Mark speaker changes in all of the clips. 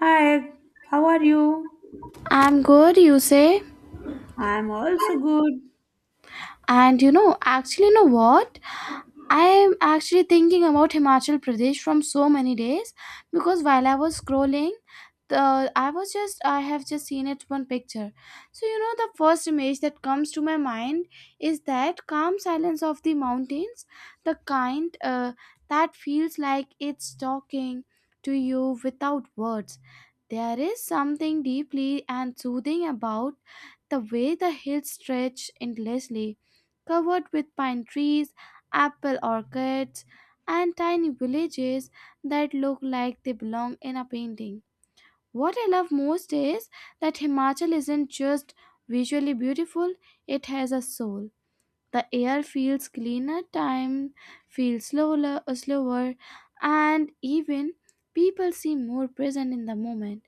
Speaker 1: Hi, how are you?
Speaker 2: I'm good, you say?
Speaker 1: I'm also good.
Speaker 2: And actually, you know what? I am actually thinking about Himachal Pradesh from so many days because while I was scrolling, the I was just I have just seen it one picture. So the first image that comes to my mind is that calm silence of the mountains, the kind that feels like it's talking to you without words. There is something deeply and soothing about the way the hills stretch endlessly covered with pine trees, apple orchards, and tiny villages that look like they belong in a painting. What I love most is that Himachal isn't just visually beautiful, it has a soul. The air feels cleaner, time feels slower, and even people seem more present in the moment,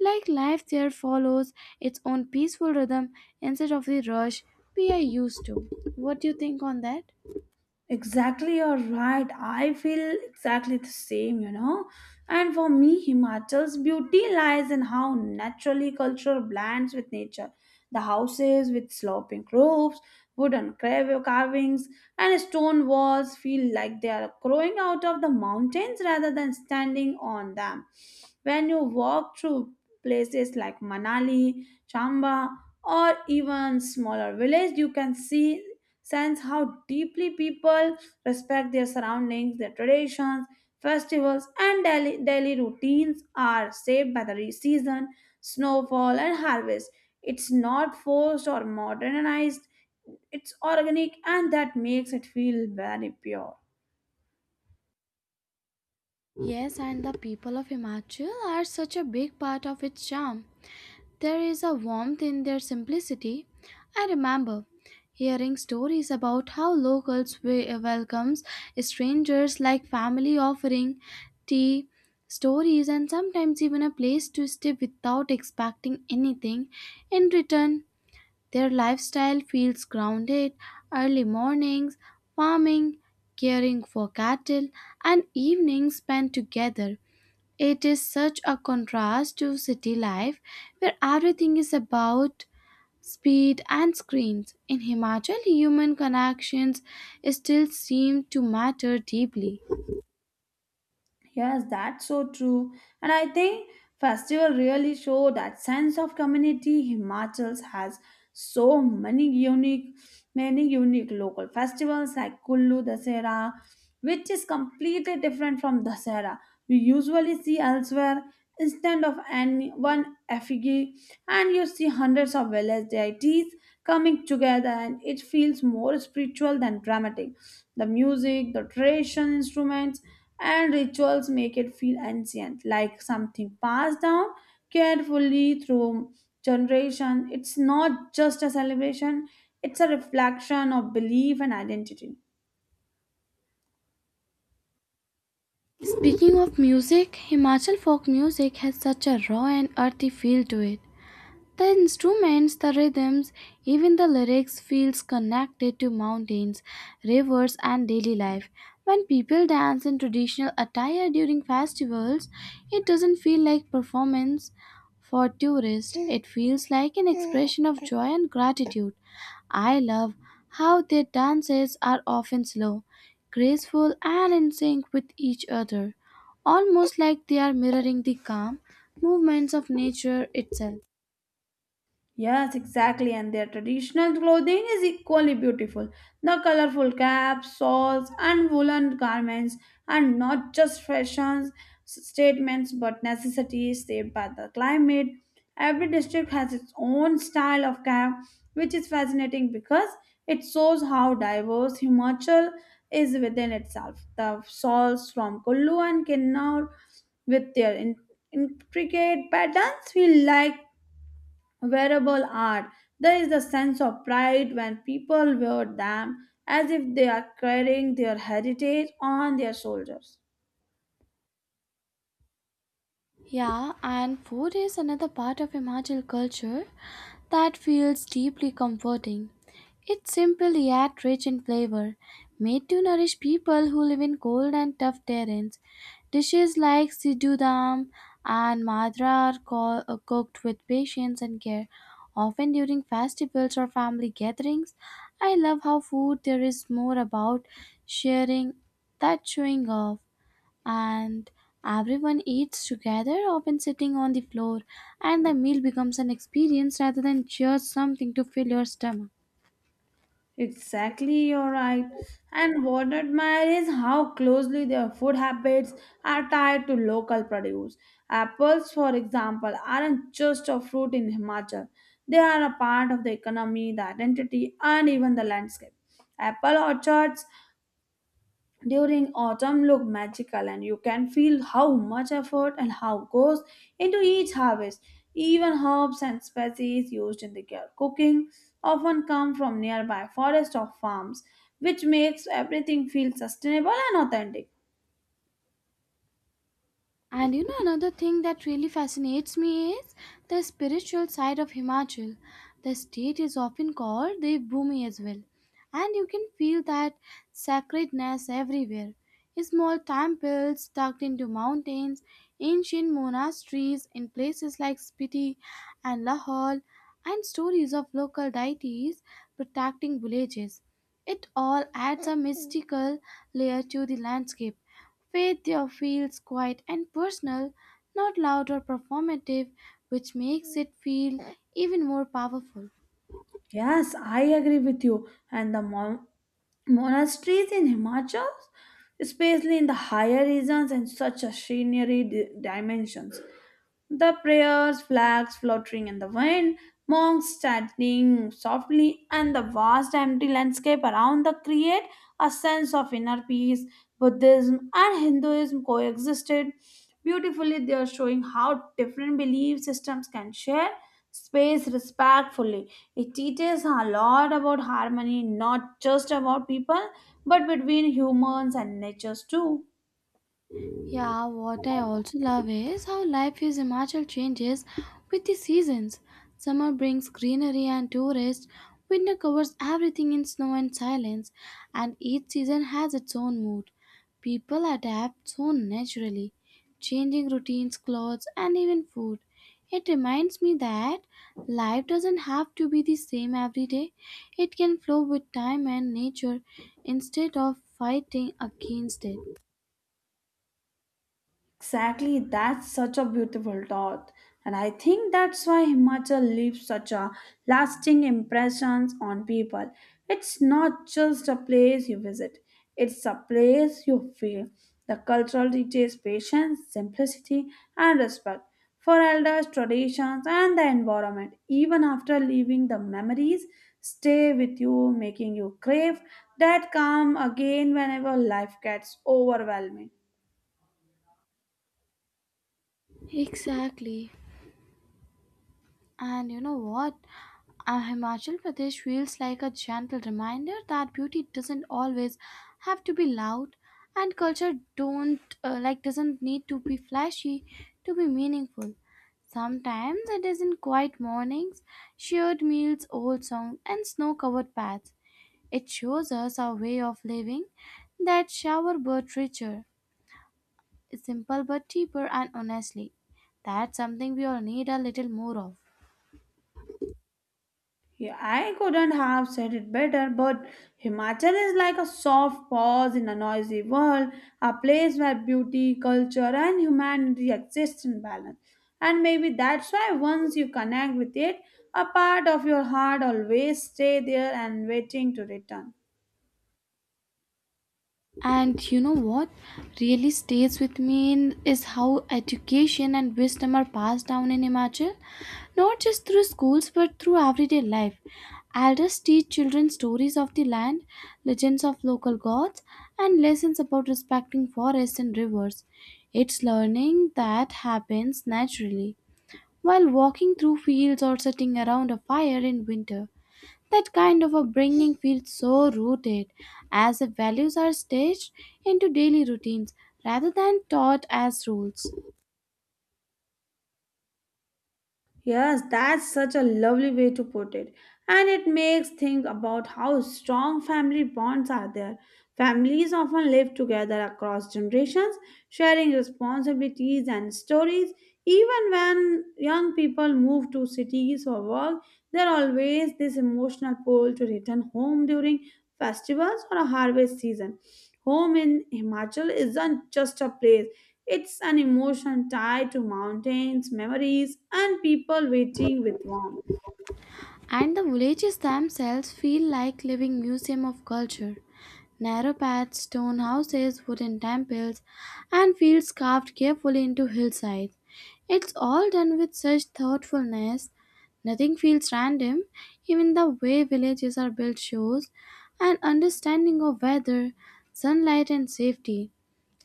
Speaker 2: like life there follows its own peaceful rhythm instead of the rush we are used to. What do you think on that?
Speaker 1: Exactly, you're right. I feel exactly the same, you know. And for me, Himachal's beauty lies in how naturally culture blends with nature. The houses with sloping roofs, wooden carvings, and stone walls feel like they are growing out of the mountains rather than standing on them. When you walk through places like Manali, Chamba, or even smaller villages, you can see sense how deeply people respect their surroundings, their traditions, festivals, and daily routines are shaped by the season, snowfall, and harvest. It's not forced or modernized, it's organic, and that makes it feel very pure.
Speaker 2: Yes, and the people of Himachal are such a big part of its charm. There is a warmth in their simplicity. I remember hearing stories about how locals welcomes strangers like family, offering tea, stories, and sometimes even a place to stay without expecting anything in return. Their lifestyle feels grounded, early mornings, farming, caring for cattle, and evenings spent together. It is such a contrast to city life where everything is about speed and screens. In Himachal, human connections still seem to matter deeply.
Speaker 1: Yes, that's so true. And I think festival really show that sense of community. Himachals has so many unique local festivals like Kullu Dasera, which is completely different from Dasera we usually see elsewhere. Instead of any one effigy, and you see hundreds of village deities coming together, and it feels more spiritual than dramatic. The music, the tradition instruments, and rituals make it feel ancient, like something passed down carefully through generation. It's not just a celebration, it's a reflection of belief and identity.
Speaker 2: Speaking of music, Himachal folk music has such a raw and earthy feel to it. The instruments, the rhythms, even the lyrics feels connected to mountains, rivers, and daily life. When people dance in traditional attire during festivals, it doesn't feel like performance for tourists. It feels like an expression of joy and gratitude. I love how their dances are often slow, graceful, and in sync with each other, almost like they are mirroring the calm movements of nature itself.
Speaker 1: Yes, exactly. And their traditional clothing is equally beautiful. The colorful caps, shawls, and woolen garments are not just fashion statements but necessities shaped by the climate. Every district has its own style of cap, which is fascinating because it shows how diverse Himachal is within itself. The shawls from Kullu and Kinnaur with their intricate patterns feel like wearable art. There is a sense of pride when people wear them as if they are carrying their heritage on their shoulders.
Speaker 2: Yeah, and food is another part of Himachal culture that feels deeply comforting. It's simple yet rich in flavor, made to nourish people who live in cold and tough terrains. Dishes like sidhu dam and madra are cooked with patience and care, often during festivals or family gatherings. I love how food there is more about sharing that showing off, and everyone eats together, often sitting on the floor, and the meal becomes an experience rather than just something to fill your stomach.
Speaker 1: Exactly, you're right. And what I admire is how closely their food habits are tied to local produce. Apples, for example, aren't just a fruit in Himachal, they are a part of the economy, the identity, and even the landscape. Apple orchards during autumn look magical and you can feel how much effort and how goes into each harvest, even herbs and species used in the cooking often come from nearby forests or farms, which makes everything feel sustainable and authentic.
Speaker 2: Another thing that really fascinates me is the spiritual side of Himachal. The state is often called Dev Bhumi as well, and you can feel that sacredness everywhere. Small temples tucked into mountains, ancient monasteries in places like Spiti and Lahore, and stories of local deities protecting villages. It all adds a mystical layer to the landscape. Faith there feels quiet and personal, not loud or performative, which makes it feel even more powerful.
Speaker 1: Yes, I agree with you. And the monasteries in Himachal, especially in the higher regions, and such a scenery dimensions. The prayers, flags fluttering in the wind, monks chanting softly, and the vast empty landscape around the create a sense of inner peace. Buddhism and Hinduism coexisted beautifully. They are showing how different belief systems can share space respectfully. It teaches a lot about harmony, not just about people, but between humans and natures too.
Speaker 2: Yeah, what I also love is how life is Himachal changes with the seasons. Summer brings greenery and tourists, winter covers everything in snow and silence, and each season has its own mood. People adapt so naturally, changing routines, clothes, and even food. It reminds me that life doesn't have to be the same every day. It can flow with time and nature instead of fighting against it.
Speaker 1: Exactly, that's such a beautiful thought. And I think that's why Himachal leaves such a lasting impressions on people. It's not just a place you visit, it's a place you feel. The cultural teaches patience, simplicity, and respect for elders, traditions, and the environment. Even after leaving, the memories stay with you, making you crave that calm again whenever life gets overwhelming.
Speaker 2: Exactly. And you know what? Himachal Pradesh feels like a gentle reminder that beauty doesn't always have to be loud, and culture don't like doesn't need to be flashy to be meaningful. Sometimes it is in quiet mornings, shared meals, old songs, and snow-covered paths. It shows us our way of living that shower but richer, simple but deeper, and honestly. That's something we all need a little more of.
Speaker 1: Yeah, I couldn't have said it better, but Himachal is like a soft pause in a noisy world, a place where beauty, culture, and humanity exist in balance. And maybe that's why once you connect with it, a part of your heart always stay there and waiting to return.
Speaker 2: And you know what really stays with me, is how education and wisdom are passed down in Himachal, not just through schools but through everyday life. Elders teach children stories of the land, legends of local gods, and lessons about respecting forests and rivers. It's learning that happens naturally while walking through fields or sitting around a fire in winter. That kind of upbringing feels so rooted, as if values are staged into daily routines rather than taught as rules.
Speaker 1: Yes, that's such a lovely way to put it. And it makes think about how strong family bonds are there. Families often live together across generations, sharing responsibilities and stories. Even when young people move to cities for work, there always this emotional pull to return home during festivals or a harvest season. Home in Himachal isn't just a place, it's an emotion tied to mountains, memories, and people waiting with warmth.
Speaker 2: And the villages themselves feel like living museum of culture. Narrow paths, stone houses, wooden temples, and fields carved carefully into hillsides. It's all done with such thoughtfulness. Nothing feels random. Even the way villages are built shows an understanding of weather, sunlight, and safety.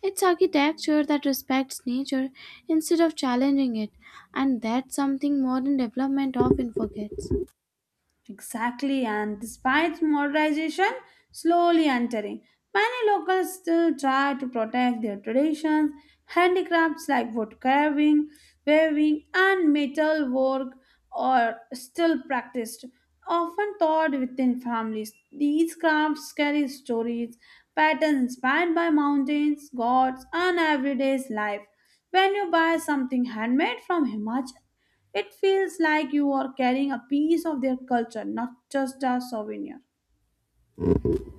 Speaker 2: It's architecture that respects nature instead of challenging it, and that's something modern development often forgets.
Speaker 1: Exactly, and despite modernization slowly entering, many locals still try to protect their traditions. Handicrafts like wood carving, weaving, and metal work are still practiced, often taught within families. These crafts carry stories, patterns inspired by mountains, gods, and everyday life. When you buy something handmade from Himachal, it feels like you are carrying a piece of their culture, not just a souvenir.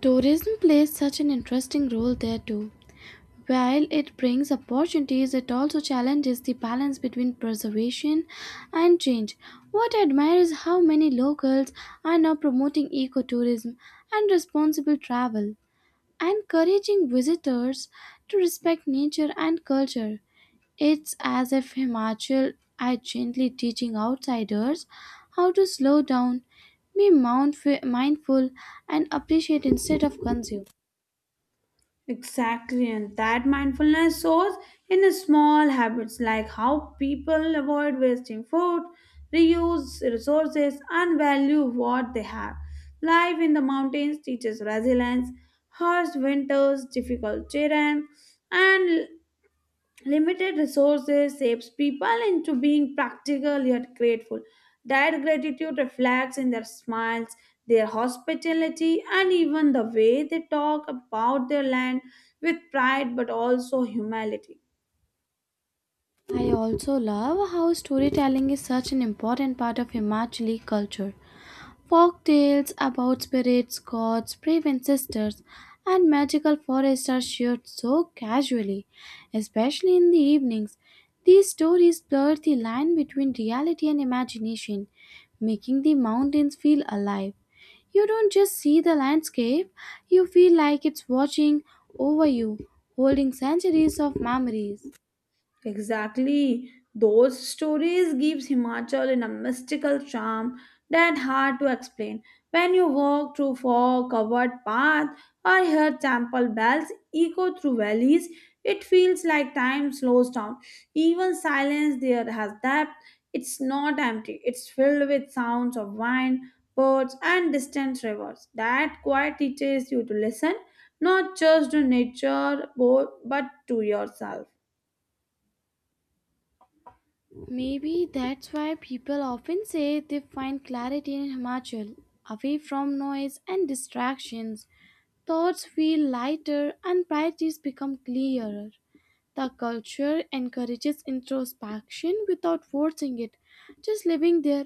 Speaker 2: Tourism plays such an interesting role there too. While it brings opportunities, it also challenges the balance between preservation and change. What I admire is how many locals are now promoting ecotourism and responsible travel, encouraging visitors to respect nature and culture. It's as if Himachal are gently teaching outsiders how to slow down, be mindful, and appreciate instead of consume.
Speaker 1: Exactly, and that mindfulness shows in small habits like how people avoid wasting food, reuse resources, and value what they have. Life in the mountains teaches resilience, harsh winters, difficult terrain, and limited resources shapes people into being practical yet grateful. That gratitude reflects in their smiles, their hospitality, and even the way they talk about their land with pride but also humility.
Speaker 2: I also love how storytelling is such an important part of Himachali culture. Folk tales about spirits, gods, brave sisters, and magical forests are shared so casually, especially in the evenings. These stories blur the line between reality and imagination, making the mountains feel alive. You don't just see the landscape, you feel like it's watching over you, holding centuries of memories.
Speaker 1: Exactly. Those stories gives Himachal in a mystical charm that hard to explain. When you walk through fog covered path or hear temple bells echo through valleys, it feels like time slows down. Even silence there has depth. It's not empty. It's filled with sounds of wind, birds, and distant rivers. That quiet teaches you to listen, not just to nature, but to yourself.
Speaker 2: Maybe that's why people often say they find clarity in Himachal, away from noise and distractions. Thoughts feel lighter and priorities become clearer. The culture encourages introspection without forcing it. Just living there,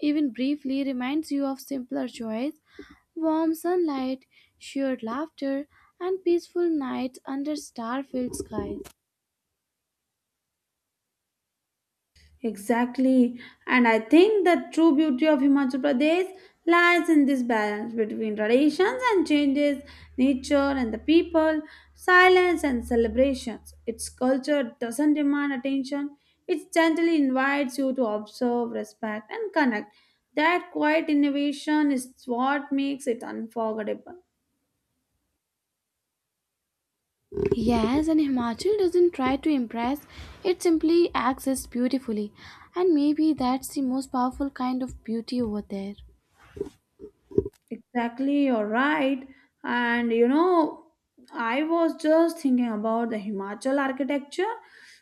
Speaker 2: even briefly, reminds you of simpler joys, warm sunlight, shared laughter, and peaceful nights under star filled skies.
Speaker 1: Exactly. And I think the true beauty of Himachal Pradesh lies in this balance between traditions and changes, nature and the people, silence and celebrations. Its culture doesn't demand attention, it gently invites you to observe, respect, and connect. That quiet innovation is what makes it unforgettable.
Speaker 2: Yes, and Himachal doesn't try to impress, it simply acts as beautifully. And maybe that's the most powerful kind of beauty over there.
Speaker 1: Exactly, you're right. And you know, I was just thinking about the Himachal architecture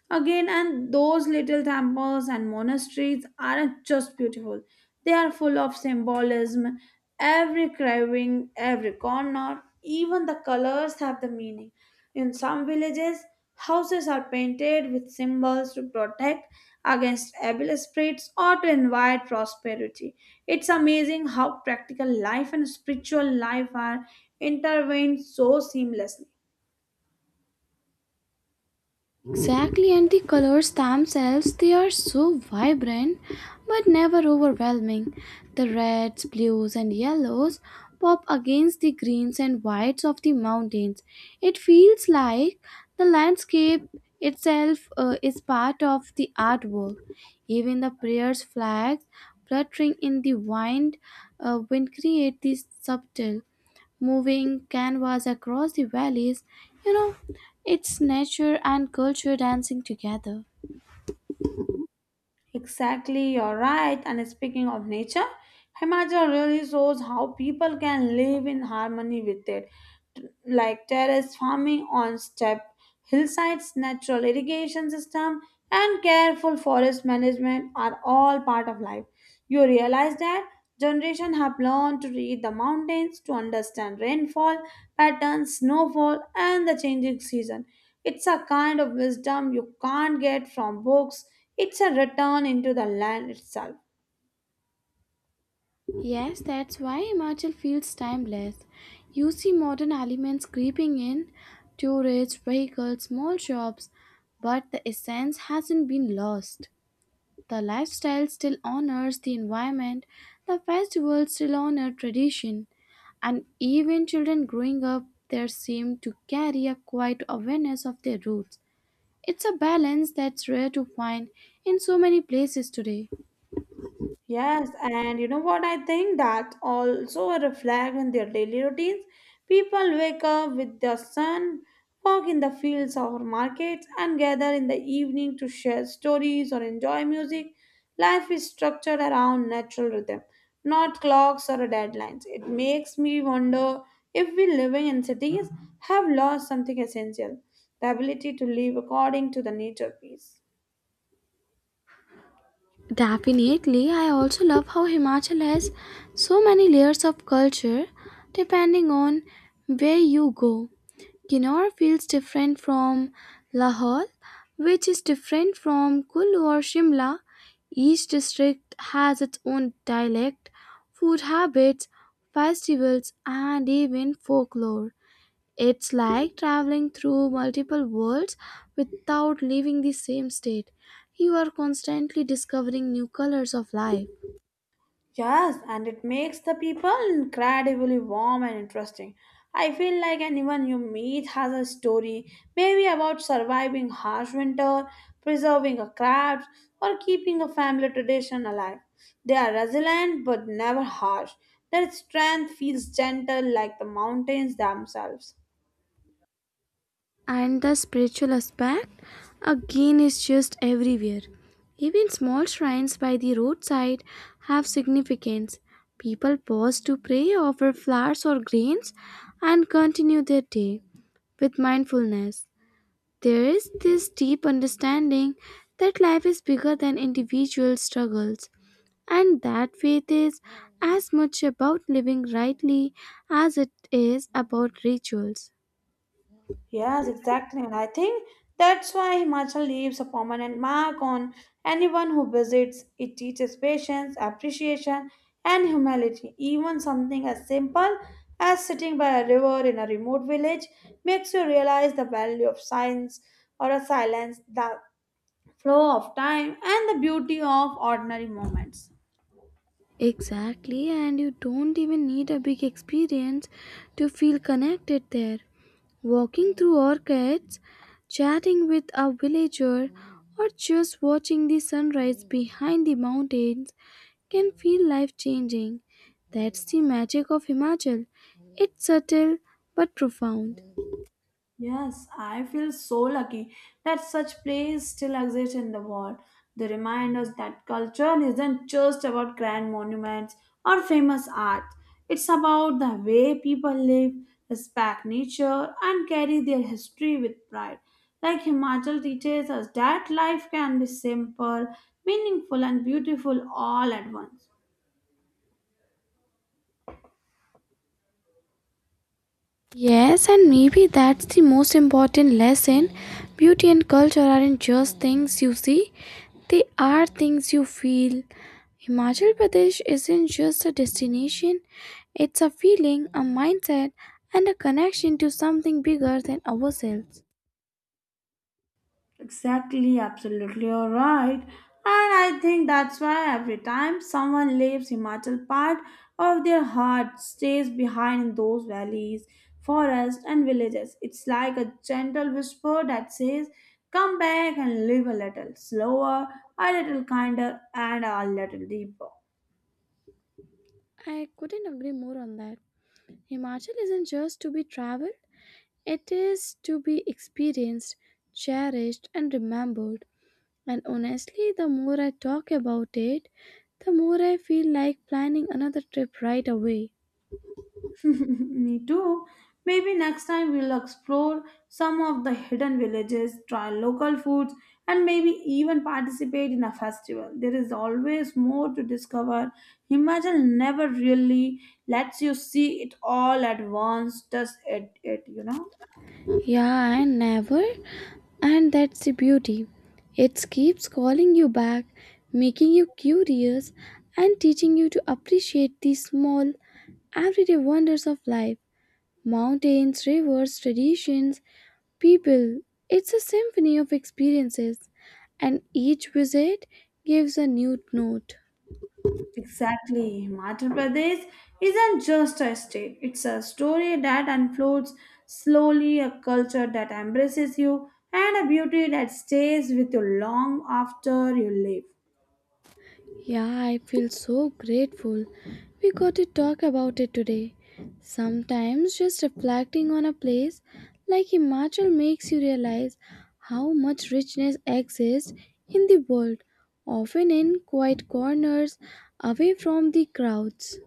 Speaker 1: again, and those little temples and monasteries aren't just beautiful, they are full of symbolism. Every carving, every corner, even the colors have the meaning. In some villages, houses are painted with symbols to protect against evil spirits or to invite prosperity. It's amazing how practical life and spiritual life are intertwined so seamlessly.
Speaker 2: Exactly, and the colors themselves, they are so vibrant but never overwhelming. The reds, blues, and yellows pop against the greens and whites of the mountains. It feels like the landscape itself is part of the artwork. Even the prayer's flags fluttering in the wind create this subtle moving canvas across the valleys. You know, it's nature and culture dancing together.
Speaker 1: Exactly, you're right. And speaking of nature, Himachal really shows how people can live in harmony with it. T- Like terrace farming on step hillsides, natural irrigation system, and careful forest management are all part of life. You realize that generations have learned to read the mountains, to understand rainfall patterns, snowfall, and the changing season. It's a kind of wisdom you can't get from books, it's a return into the land itself.
Speaker 2: Yes, that's why Himachal feels timeless. You see modern elements creeping in, tourists, vehicles, small shops, but the essence hasn't been lost. The lifestyle still honors the environment, the festivals still honor tradition, and even children growing up there seem to carry a quiet awareness of their roots. It's a balance that's rare to find in so many places today.
Speaker 1: Yes, and you know what? I think that's also a reflect in their daily routines. People wake up with the sun, walk in the fields or markets, and gather in the evening to share stories or enjoy music. Life is structured around natural rhythm, not clocks or deadlines. It makes me wonder if we living in cities have lost something essential, the ability to live according to the nature piece.
Speaker 2: Definitely, I also love how Himachal has so many layers of culture depending on where you go. Kinnaur feels different from Lahore, which is different from Kulu or Shimla. Each district has its own dialect, food habits, festivals, and even folklore. It's like traveling through multiple worlds without leaving the same state. You are constantly discovering new colors of life.
Speaker 1: Yes, and it makes the people incredibly warm and interesting. I feel like anyone you meet has a story, maybe about surviving harsh winter, preserving a craft, or keeping a family tradition alive. They are resilient but never harsh. Their strength feels gentle like the mountains themselves.
Speaker 2: And the spiritual aspect, again, is just everywhere. Even small shrines by the roadside have significance. People pause to pray, offer flowers or grains, and continue their day with mindfulness. There is this deep understanding that life is bigger than individual struggles, and that faith is as much about living rightly as it is about rituals.
Speaker 1: Yes, exactly. And I think that's why Himachal leaves a permanent mark on anyone who visits. It teaches patience, appreciation, and humility. Even something as simple as sitting by a river in a remote village makes you realize the value of silence or a silence, the flow of time, and the beauty of ordinary moments.
Speaker 2: Exactly, and you don't even need a big experience to feel connected there. Walking through orchids, chatting with a villager, or just watching the sunrise behind the mountains can feel life changing. That's the magic of Himachal. It's subtle but profound.
Speaker 1: Yes, I feel so lucky that such plays still exist in the world. They remind us that culture isn't just about grand monuments or famous art, it's about the way people live, respect nature, and carry their history with pride. Like Himachal teaches us that life can be simple, meaningful, and beautiful all at once.
Speaker 2: Yes, and maybe that's the most important lesson. Beauty and culture aren't just things you see, they are things you feel. Himachal Pradesh isn't just a destination, it's a feeling, a mindset, and a connection to something bigger than ourselves.
Speaker 1: Exactly, absolutely, you're right. And I think that's why every time someone leaves Himachal, part of their heart stays behind in those valleys, forests, and villages. It's like a gentle whisper that says, come back and live a little slower, a little kinder, and a little deeper.
Speaker 2: I couldn't agree more on that. Himachal isn't just to be traveled, it is to be experienced, cherished, and remembered. And honestly, the more I talk about it, the more I feel like planning another trip right away.
Speaker 1: Me too. Maybe next time we'll explore some of the hidden villages, try local foods, and maybe even participate in a festival. There is always more to discover. Himachal never really lets you see it all at once, does it, it?
Speaker 2: Yeah, and never. And that's the beauty. It keeps calling you back, making you curious, and teaching you to appreciate the small, everyday wonders of life, mountains, rivers, traditions, people. It's a symphony of experiences, and each visit gives a new note.
Speaker 1: Exactly. Madhya Pradesh isn't just a state, it's a story that unfolds slowly, a culture that embraces you, and a beauty that stays with you long after you leave.
Speaker 2: Yeah, I feel so grateful we got to talk about it today. Sometimes just reflecting on a place like Himachal makes you realize how much richness exists in the world, often in quiet corners away from the crowds.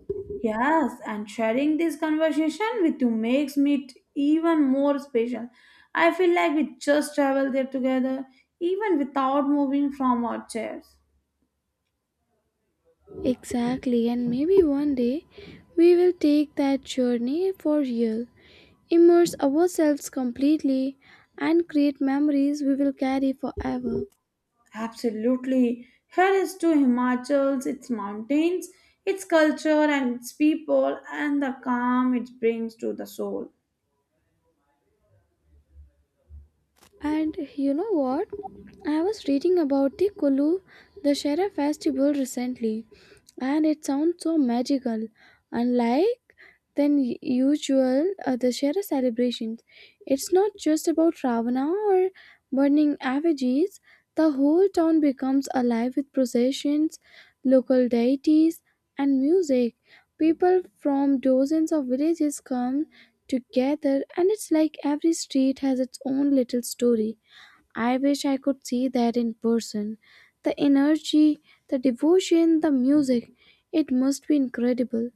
Speaker 1: Yes, and sharing this conversation with you makes it even more special. I feel like we just traveled there together, even without moving from our chairs.
Speaker 2: Exactly, and maybe one day we will take that journey for real, immerse ourselves completely, and create memories we will carry forever.
Speaker 1: Absolutely. Here is to Himachal's, its mountains, its culture, and its people, and the calm it brings to the soul.
Speaker 2: And you know what? I was reading about the Kulu Dashera festival recently, and it sounds so magical, unlike usual other Shara celebrations. It's not just about ravana or burning effigies, the whole town becomes alive with processions, local deities, and music. People from dozens of villages come together, and it's like every street has its own little story. I wish I could see that in person. The energy, the devotion, the music, it must be incredible.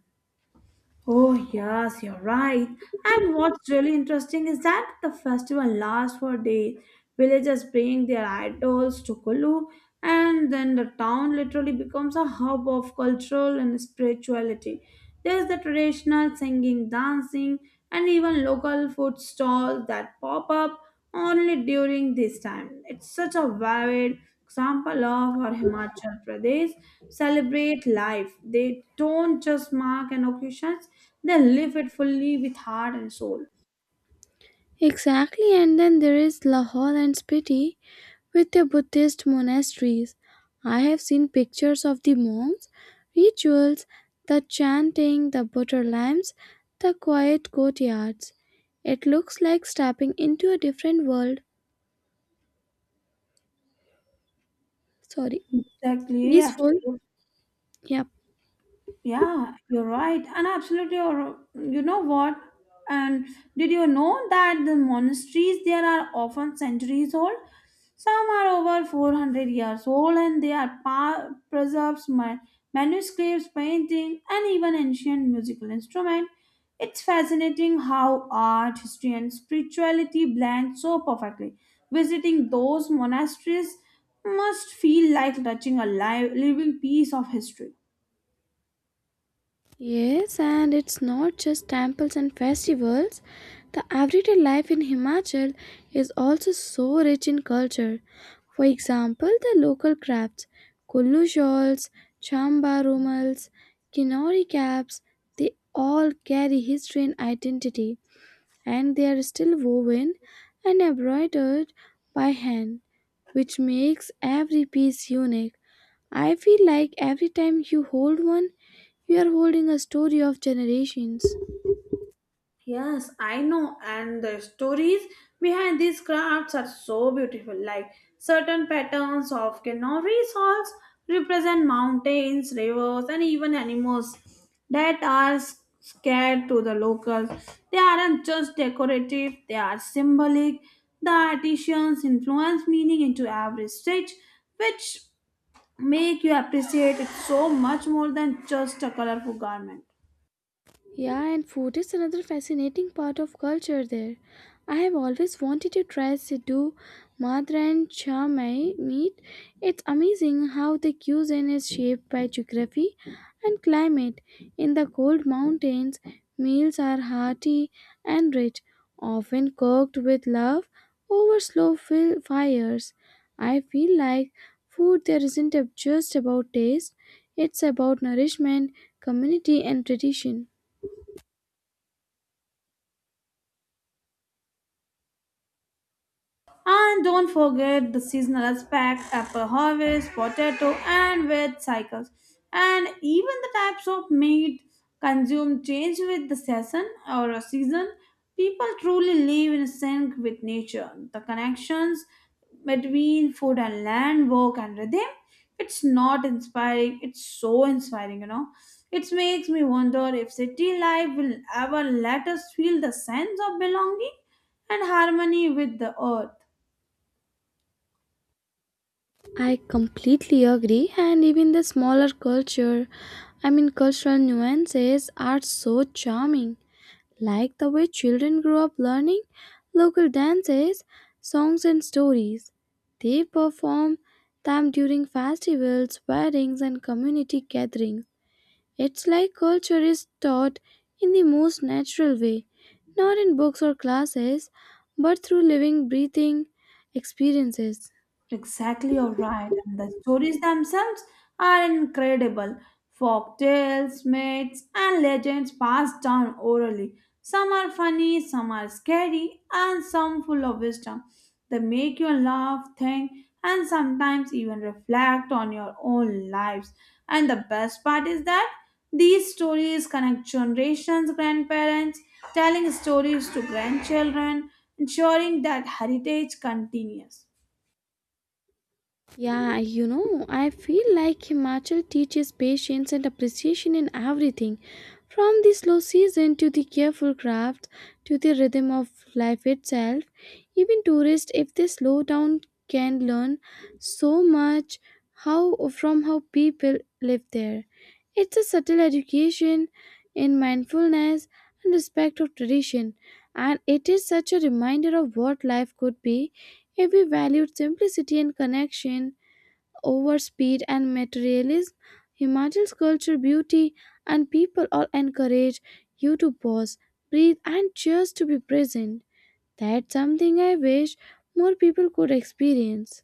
Speaker 1: Oh, yes, you're right. And what's really interesting is that the festival lasts for days. Villagers bring their idols to Kulu, and then the town literally becomes a hub of cultural and spirituality. There's the traditional singing, dancing, and even local food stalls that pop up only during this time. It's such a vivid example of how Himachal Pradesh celebrate life. They don't just mark an occasion, they live it fully with heart and soul.
Speaker 2: Exactly, and then there is Lahore and Spiti with their Buddhist monasteries. I have seen pictures of the monks, rituals, the chanting, the butter lamps, the quiet courtyards. It looks like stepping into a different world. Sorry,
Speaker 1: Exactly,
Speaker 2: peaceful.
Speaker 1: absolutely.
Speaker 2: Yeah.
Speaker 1: Yeah, you're right. And absolutely, you know what? And did you know that the monasteries there are often centuries old? Some are over 400 years old and they are preserves manuscripts, painting, and even ancient musical instruments. It's fascinating how art, history, and spirituality blend so perfectly. Visiting those monasteries must feel like touching a live, living piece of history.
Speaker 2: Yes, and it's not just temples and festivals. The everyday life in Himachal is also so rich in culture. For example, the local crafts, Kullu shawls, Chamba rumals, Kinori caps, they all carry history and identity, and they are still woven and embroidered by hand, which makes every piece unique. I feel like every time you hold one, you are holding a story of generations.
Speaker 1: Yes, I know, and the stories behind these crafts are so beautiful. Like certain patterns of canary salts represent mountains, rivers, and even animals that are scared to the locals. They aren't just decorative, they are symbolic. The artisans influence meaning into every stitch, which make you appreciate it so much more than just a colorful garment.
Speaker 2: Yeah, and food is another fascinating part of culture there. I have always wanted to try Sidhu, Madra, and Chamai meat. It's amazing how the cuisine is shaped by geography and climate. In the cold mountains, meals are hearty and rich, often cooked with love over slow fires. I feel like food there isn't just about taste, it's about nourishment, community, and tradition.
Speaker 1: And don't forget the seasonal aspect, apple harvest, potato, and wheat cycles. And even the types of meat consumed change with the season or a season. People truly live in sync with nature. The connections between food and land, work and rhythm, it's not inspiring. It's so inspiring, you know. It makes me wonder if city life will ever let us feel the sense of belonging and harmony with the earth.
Speaker 2: I completely agree, and even the smaller culture, I mean, cultural nuances are so charming, like the way children grow up learning local dances, songs, and stories. They perform them during festivals, weddings, and community gatherings. It's like culture is taught in the most natural way, not in books or classes, but through living, breathing experiences.
Speaker 1: Exactly, you're right. And the stories themselves are incredible. Folk tales, myths, and legends passed down orally. Some are funny, some are scary, and some full of wisdom. They make you laugh, think, and sometimes even reflect on your own lives. And the best part is that these stories connect generations, grandparents telling stories to grandchildren, ensuring that heritage continues.
Speaker 2: Yeah, I feel like Himachal teaches patience and appreciation in everything, from the slow season to the careful craft to the rhythm of life itself. Even tourists, if they slow down, can learn so much how from how people live there. It's a subtle education in mindfulness and respect of tradition, and it is such a reminder of what life could be if we valued simplicity and connection over speed and materialism. Himachal's culture, beauty, and people all encourage you to pause, breathe, and just to be present. That's something I wish more people could experience.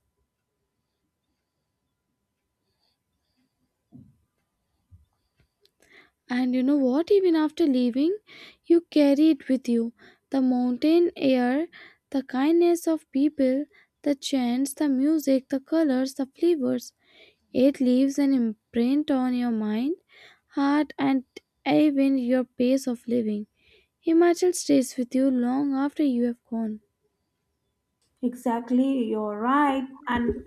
Speaker 2: And you know what? Even after leaving, you carry it with you. The mountain air, the kindness of people, the chants, the music, the colors, the flavors. It leaves an imprint on your mind, heart, and even your pace of living. Himachal stays with you long after you have gone.
Speaker 1: Exactly, you're right. And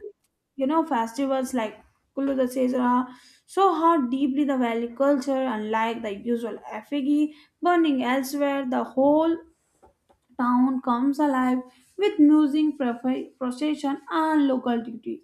Speaker 1: you know, festivals like Kullu Dasera show how deeply the Valley culture, unlike the usual effigy burning elsewhere, the whole town comes alive with music, procession, and local duty.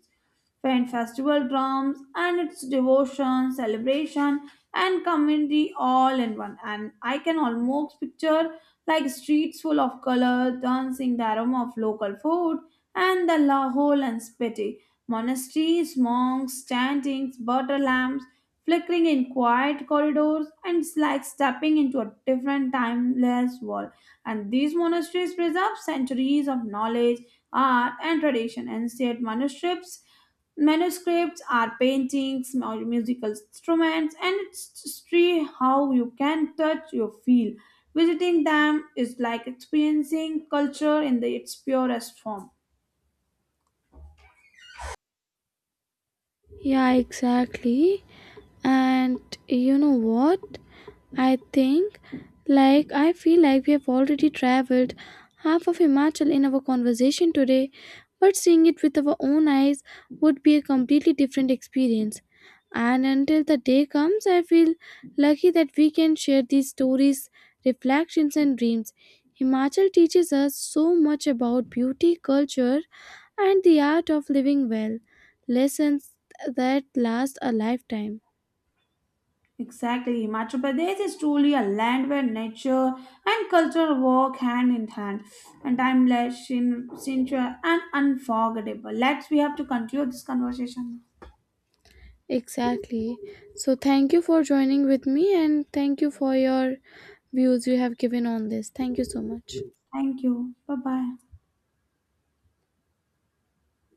Speaker 1: Fen festival drums and its devotion, celebration, and community all in one. And I can almost picture like streets full of color, dancing, the aroma of local food, and the Lahore and Spiti. Monasteries, monks, chantings, butter lamps, flickering in quiet corridors, and it's like stepping into a different timeless world. And these monasteries preserve centuries of knowledge, art, and tradition. Ancient manuscripts, manuscripts are paintings, musical instruments, and it's history how you can touch, you feel. Visiting them is like experiencing culture in the, its purest form.
Speaker 2: Yeah, exactly. And you know what, i think I feel like we have already traveled half of Himachal in our conversation today, but seeing it with our own eyes would be a completely different experience. And until the day comes, I feel lucky that we can share these stories, reflections, and dreams. Himachal teaches us so much about beauty, culture, and the art of living well, lessons that last a lifetime.
Speaker 1: Exactly. Himachal Pradesh is truly a land where nature and culture walk hand in hand and timeless, sincere, and unforgettable. Let's, we have to conclude this conversation.
Speaker 2: Exactly. So, thank you for joining with me and thank you for your views you have given on this. Thank you so much.
Speaker 1: Thank you. Bye bye.